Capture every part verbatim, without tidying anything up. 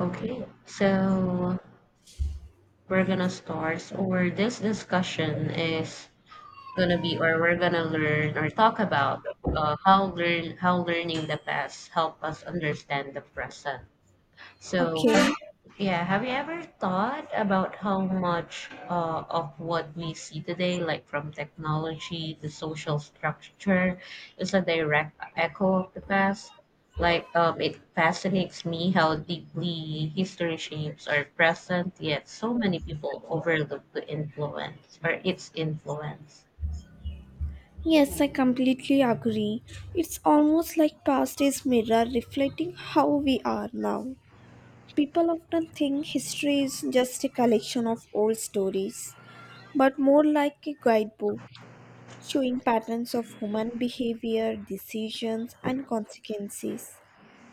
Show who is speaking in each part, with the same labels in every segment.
Speaker 1: Okay, so we're gonna start, or this discussion is gonna be, or we're gonna learn or talk about uh, how learn how learning the past help us understand the present. So
Speaker 2: Okay.
Speaker 1: yeah, have you ever thought about how much uh, of what we see today, like from technology to social structure, is a direct echo of the past? Like, um, it fascinates me how deeply history shapes our present, yet so many people overlook the influence or its influence.
Speaker 2: Yes, I completely agree. It's almost like past is mirror reflecting how we are now. People often think history is just a collection of old stories, but more like a guidebook showing patterns of human behavior, decisions, and consequences.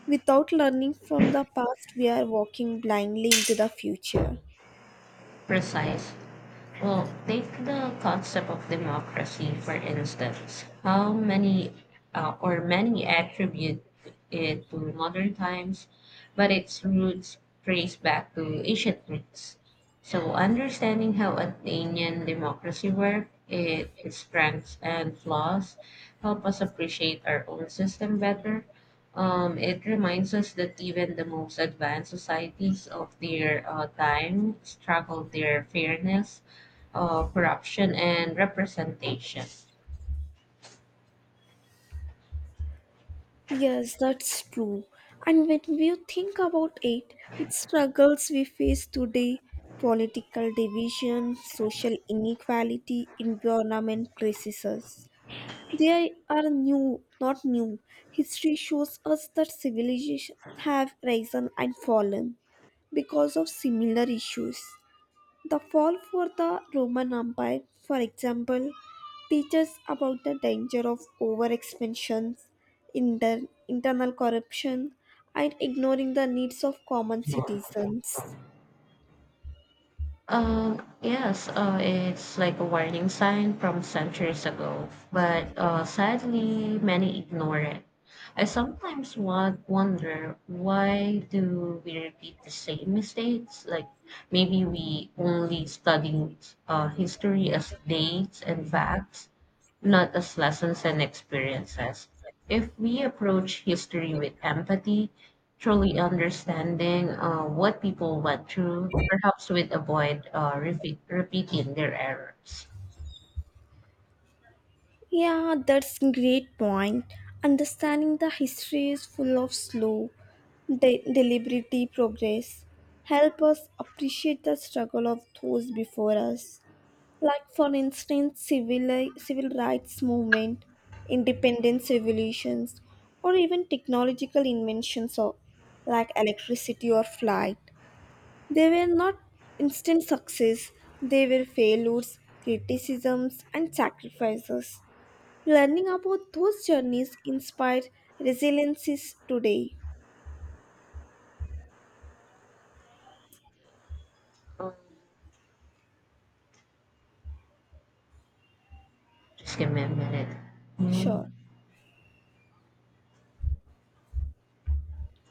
Speaker 2: Without learning from the past, we are walking blindly into the future.
Speaker 1: Precise. Well, take the concept of democracy, for instance. How many uh, or many attribute it to modern times, but its roots trace back to ancient Greece. So, understanding how Athenian democracy worked, it, its strengths and flaws, help us appreciate our own system better. Um, it reminds us that even the most advanced societies of their uh, time struggled their fairness uh, corruption and representation.
Speaker 2: Yes, that's true. And when we think about it, its struggles we face today political division, social inequality, environment crises. They are new, not new. History shows us that civilizations have risen and fallen because of similar issues. The fall for the Roman Empire, for example, teaches about the danger of overexpansion, inter- internal corruption, and ignoring the needs of common citizens.
Speaker 1: Um, yes, uh, it's like a warning sign from centuries ago, but uh, sadly, many ignore it. I sometimes want, wonder, why do we repeat the same mistakes? Like maybe we only study uh, history as dates and facts, not as lessons and experiences. If we approach history with empathy, truly understanding uh, what people went through, perhaps we'd avoid uh, repeat, repeating their errors.
Speaker 2: Yeah, that's great point. Understanding the history is full of slow, de- deliberate progress. Help us appreciate the struggle of those before us, like for instance civil civil rights movement, independence revolutions, or even technological inventions of like electricity or flight. They were not instant success, they were failures, criticisms, and sacrifices. Learning about those journeys inspire resiliences today.
Speaker 1: Um, Just give me a minute.
Speaker 2: Sure.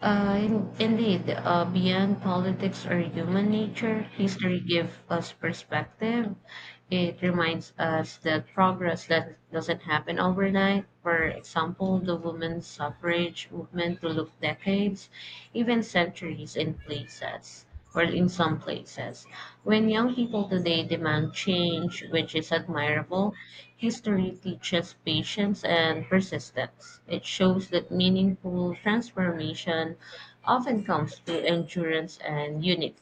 Speaker 1: Uh, in- indeed, uh, beyond politics or human nature, history gives us perspective. It reminds us that progress that doesn't happen overnight. For example, the women's suffrage movement took decades, even centuries in places, or in some places. When young people today demand change, which is admirable, history teaches patience and persistence. It shows that meaningful transformation often comes through endurance and unity.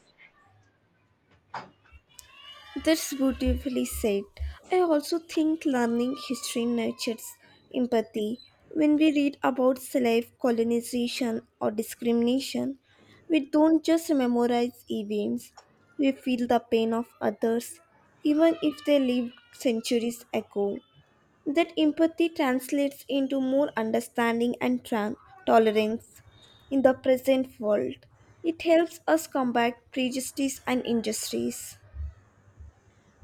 Speaker 2: That's beautifully said. I also think learning history nurtures empathy. When we read about slave colonization or discrimination, we don't just memorize events, we feel the pain of others, even if they lived centuries ago. That empathy translates into more understanding and tran- tolerance in the present world. It helps us combat prejudice and injustice.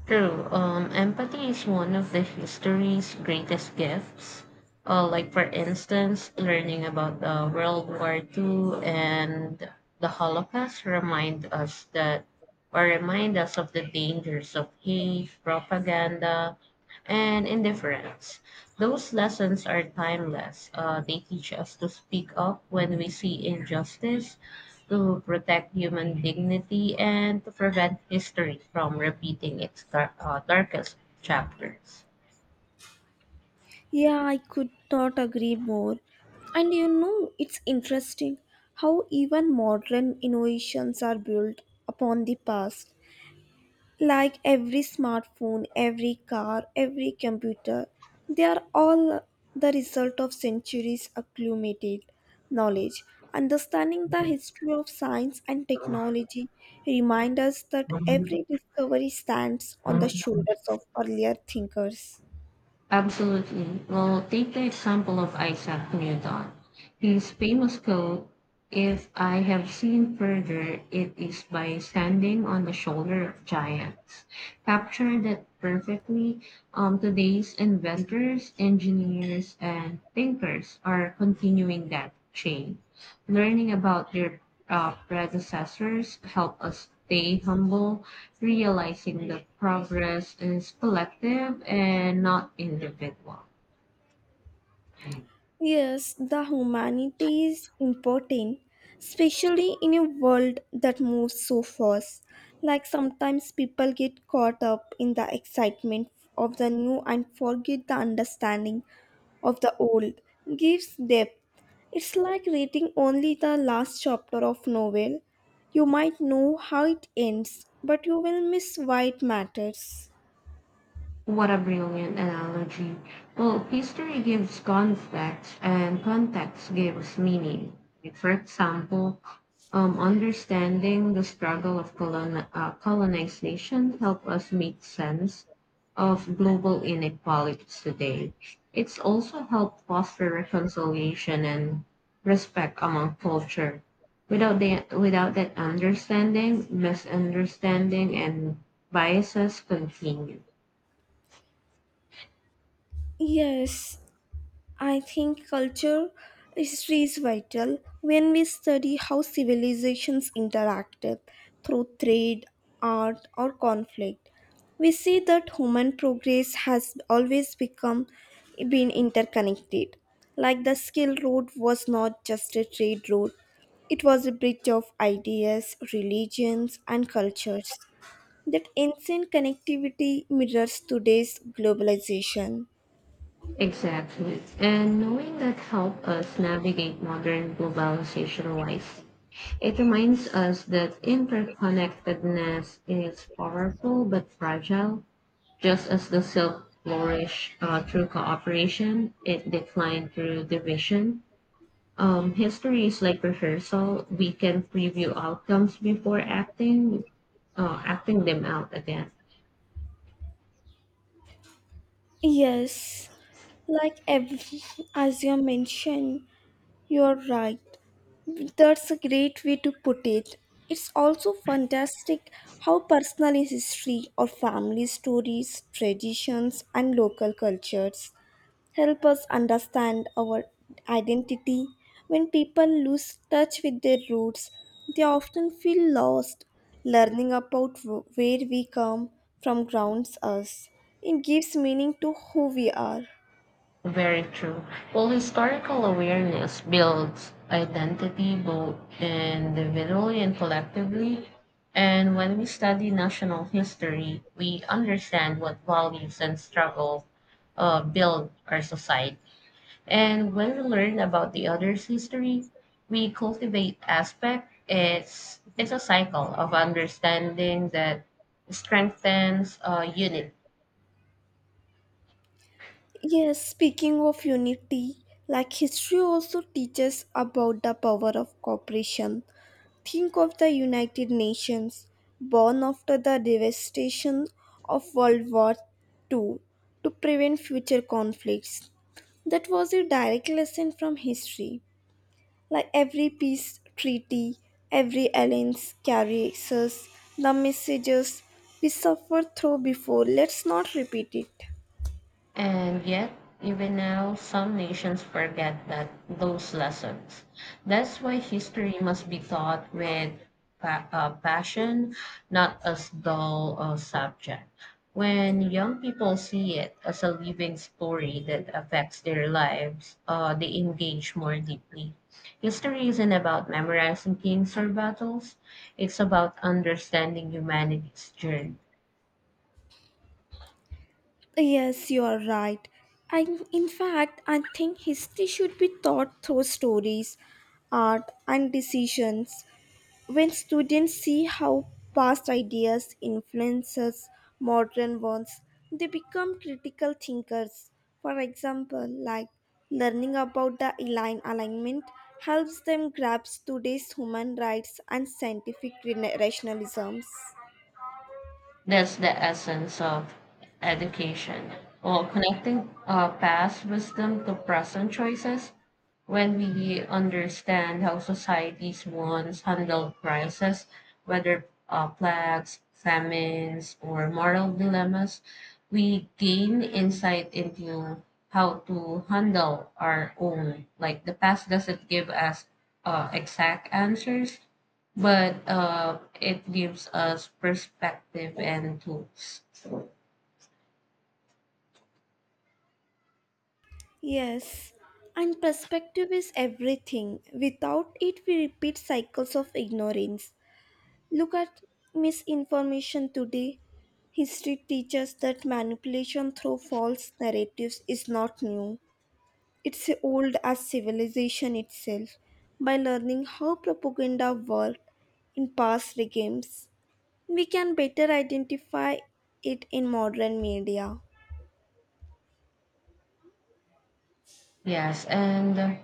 Speaker 1: True. Um, empathy is one of the history's greatest gifts. Uh, like, for instance, learning about the World War Two and the Holocaust remind us that, or remind us of the dangers of hate, propaganda, and indifference. Those lessons are timeless. Uh, they teach us to speak up when we see injustice to protect human dignity and to prevent history from repeating its dar- uh, darkest chapters.
Speaker 2: Yeah, I could not agree more. And you know, it's interesting how even modern innovations are built upon the past. Like every smartphone, every car, every computer, they are all the result of centuries accumulated knowledge. Understanding the history of science and technology reminds us that every discovery stands on the shoulders of earlier thinkers.
Speaker 1: Absolutely. Well, take the example of Isaac Newton. His famous quote, "If I have seen further, it is by standing on the shoulder of giants," captured that perfectly. Um, today's inventors, engineers, and thinkers are continuing that chain. Learning about their uh, predecessors help us stay humble, realizing that progress is collective and not individual.
Speaker 2: Yes, the humanity is important, especially in a world that moves so fast. Like sometimes people get caught up in the excitement of the new and forget the understanding of the old. Gives depth. It's like reading only the last chapter of novel. You might know how it ends, but you will miss why it matters.
Speaker 1: What a brilliant analogy. Well, history gives context and context gives meaning. Like, for example, um, understanding the struggle of colon- uh, colonization help us make sense of global inequalities today. It's also helped foster reconciliation and respect among culture. Without, the, without that understanding, misunderstanding and biases continue.
Speaker 2: Yes, I think culture history is vital when we study how civilizations interacted through trade, art, or conflict. We see that human progress has always become been interconnected. Like the skill road was not just a trade road, it was a bridge of ideas, religions, and cultures. That ancient connectivity mirrors today's globalization.
Speaker 1: Exactly. And knowing that help us navigate modern globalization wise, it reminds us that interconnectedness is powerful but fragile. Just as the silk flourished uh, through cooperation, it declined through division. Um, history is like rehearsal. We can preview outcomes before acting, uh, acting them out again.
Speaker 2: Yes, like every, as you mentioned, you're right. That's a great way to put it. It's also fantastic how personal is history or family stories, traditions, and local cultures help us understand our identity. When people lose touch with their roots, they often feel lost. Learning about wh- where we come from grounds us. It gives meaning to who we are.
Speaker 1: Very true. Well, historical awareness builds identity both individually and collectively. And when we study national history, we understand what values and struggles uh, build our society. And when we learn about the other's history, we cultivate aspect. It's, it's a cycle of understanding that strengthens uh, unity.
Speaker 2: Yes, speaking of unity, like history also teaches about the power of cooperation. Think of the United Nations, born after the devastation of World War Two, to prevent future conflicts. That was a direct lesson from history. Like every peace treaty, every alliance carries us the messages we suffered through before. Let's not repeat it.
Speaker 1: And yet, even now, some nations forget that those lessons. That's why history must be taught with pa- uh, passion, not as dull a subject. When young people see it as a living story that affects their lives, uh, they engage more deeply. History isn't about memorizing kings or battles. It's about understanding humanity's journey.
Speaker 2: Yes, you are right. I, in fact, I think history should be taught through stories, art, and decisions. When students see how past ideas influences modern ones, they become critical thinkers. For example, like learning about the align alignment helps them grasp today's human rights and scientific rena- rationalisms.
Speaker 1: That's the essence of education, or connecting uh, past wisdom to present choices. When we understand how societies once handled crises, whether uh, plagues, famines, or moral dilemmas, we gain insight into how to handle our own. Like the past doesn't give us uh, exact answers, but uh, it gives us perspective and tools.
Speaker 2: Yes, and perspective is everything. Without it, we repeat cycles of ignorance. Look at misinformation today. History teaches that manipulation through false narratives is not new. It's old as civilization itself. By learning how propaganda worked in past regimes, we can better identify it in modern media.
Speaker 1: Yes, and uh,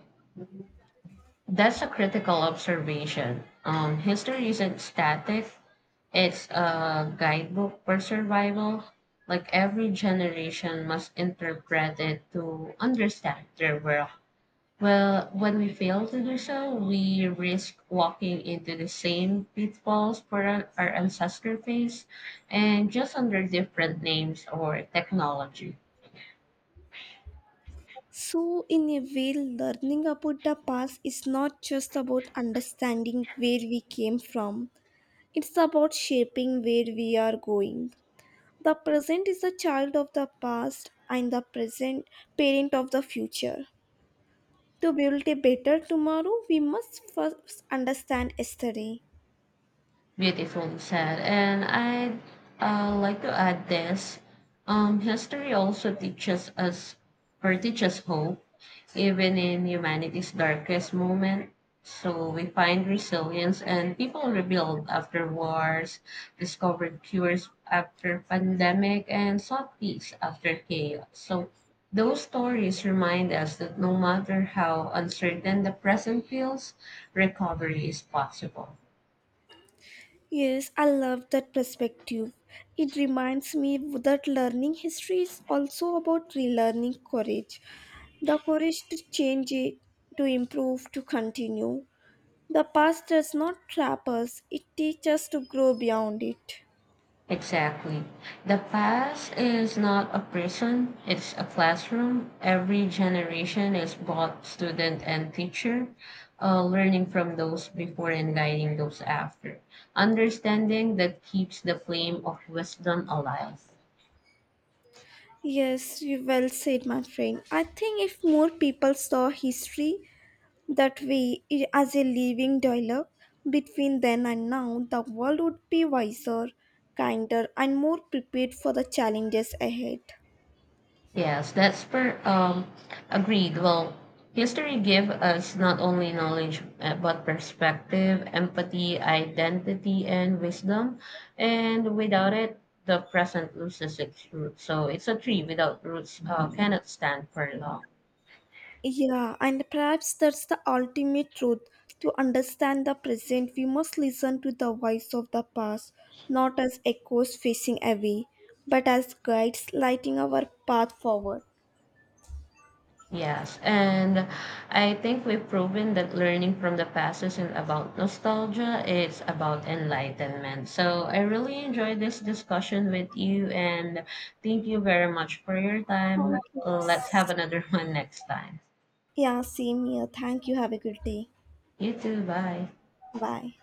Speaker 1: that's a critical observation. Um, history isn't static, it's a guidebook for survival. Like every generation must interpret it to understand their world. Well, when we fail to do so, we risk walking into the same pitfalls for our our ancestor phase and just under different names or technology.
Speaker 2: So, in a way, learning about the past is not just about understanding where we came from, it's about shaping where we are going. The present is the child of the past and the present parent of the future. To build a better tomorrow, we must first understand yesterday.
Speaker 1: Beautifully said. And I'd uh, like to add this. Um, history also teaches us or teaches hope, even in humanity's darkest moment. So we find resilience and people rebuild after wars, discovered cures after pandemic, and sought peace after chaos. So those stories remind us that no matter how uncertain the present feels, recovery is possible.
Speaker 2: Yes, I love that perspective. It reminds me that learning history is also about relearning courage. The courage to change it, to improve, to continue. The past does not trap us, it teaches us to grow beyond it.
Speaker 1: Exactly. The past is not a prison, it's a classroom. Every generation is both student and teacher, uh, learning from those before and guiding those after. Understanding that keeps the flame of wisdom alive.
Speaker 2: Yes, you well said, my friend. I think if more people saw history that way, i- as a living dialogue between then and now, the world would be wiser, kinder, and more prepared for the challenges ahead.
Speaker 1: Yes, that's per um agreed. Well, history give us not only knowledge uh, but perspective, empathy, identity, and wisdom. And without it, the present loses its roots. So it's a tree without roots uh, cannot stand for long.
Speaker 2: Yeah, and perhaps that's the ultimate truth. To understand the present, we must listen to the voice of the past, not as echoes facing away, but as guides lighting our path forward.
Speaker 1: Yes, and I think we've proven that learning from the past isn't about nostalgia, it's about enlightenment. So I really enjoyed this discussion with you and thank you very much for your
Speaker 2: Thank
Speaker 1: time. Let's have
Speaker 2: you.
Speaker 1: another one next time.
Speaker 2: Yeah, same here. Thank you. Have a good day.
Speaker 1: You too, bye.
Speaker 2: Bye.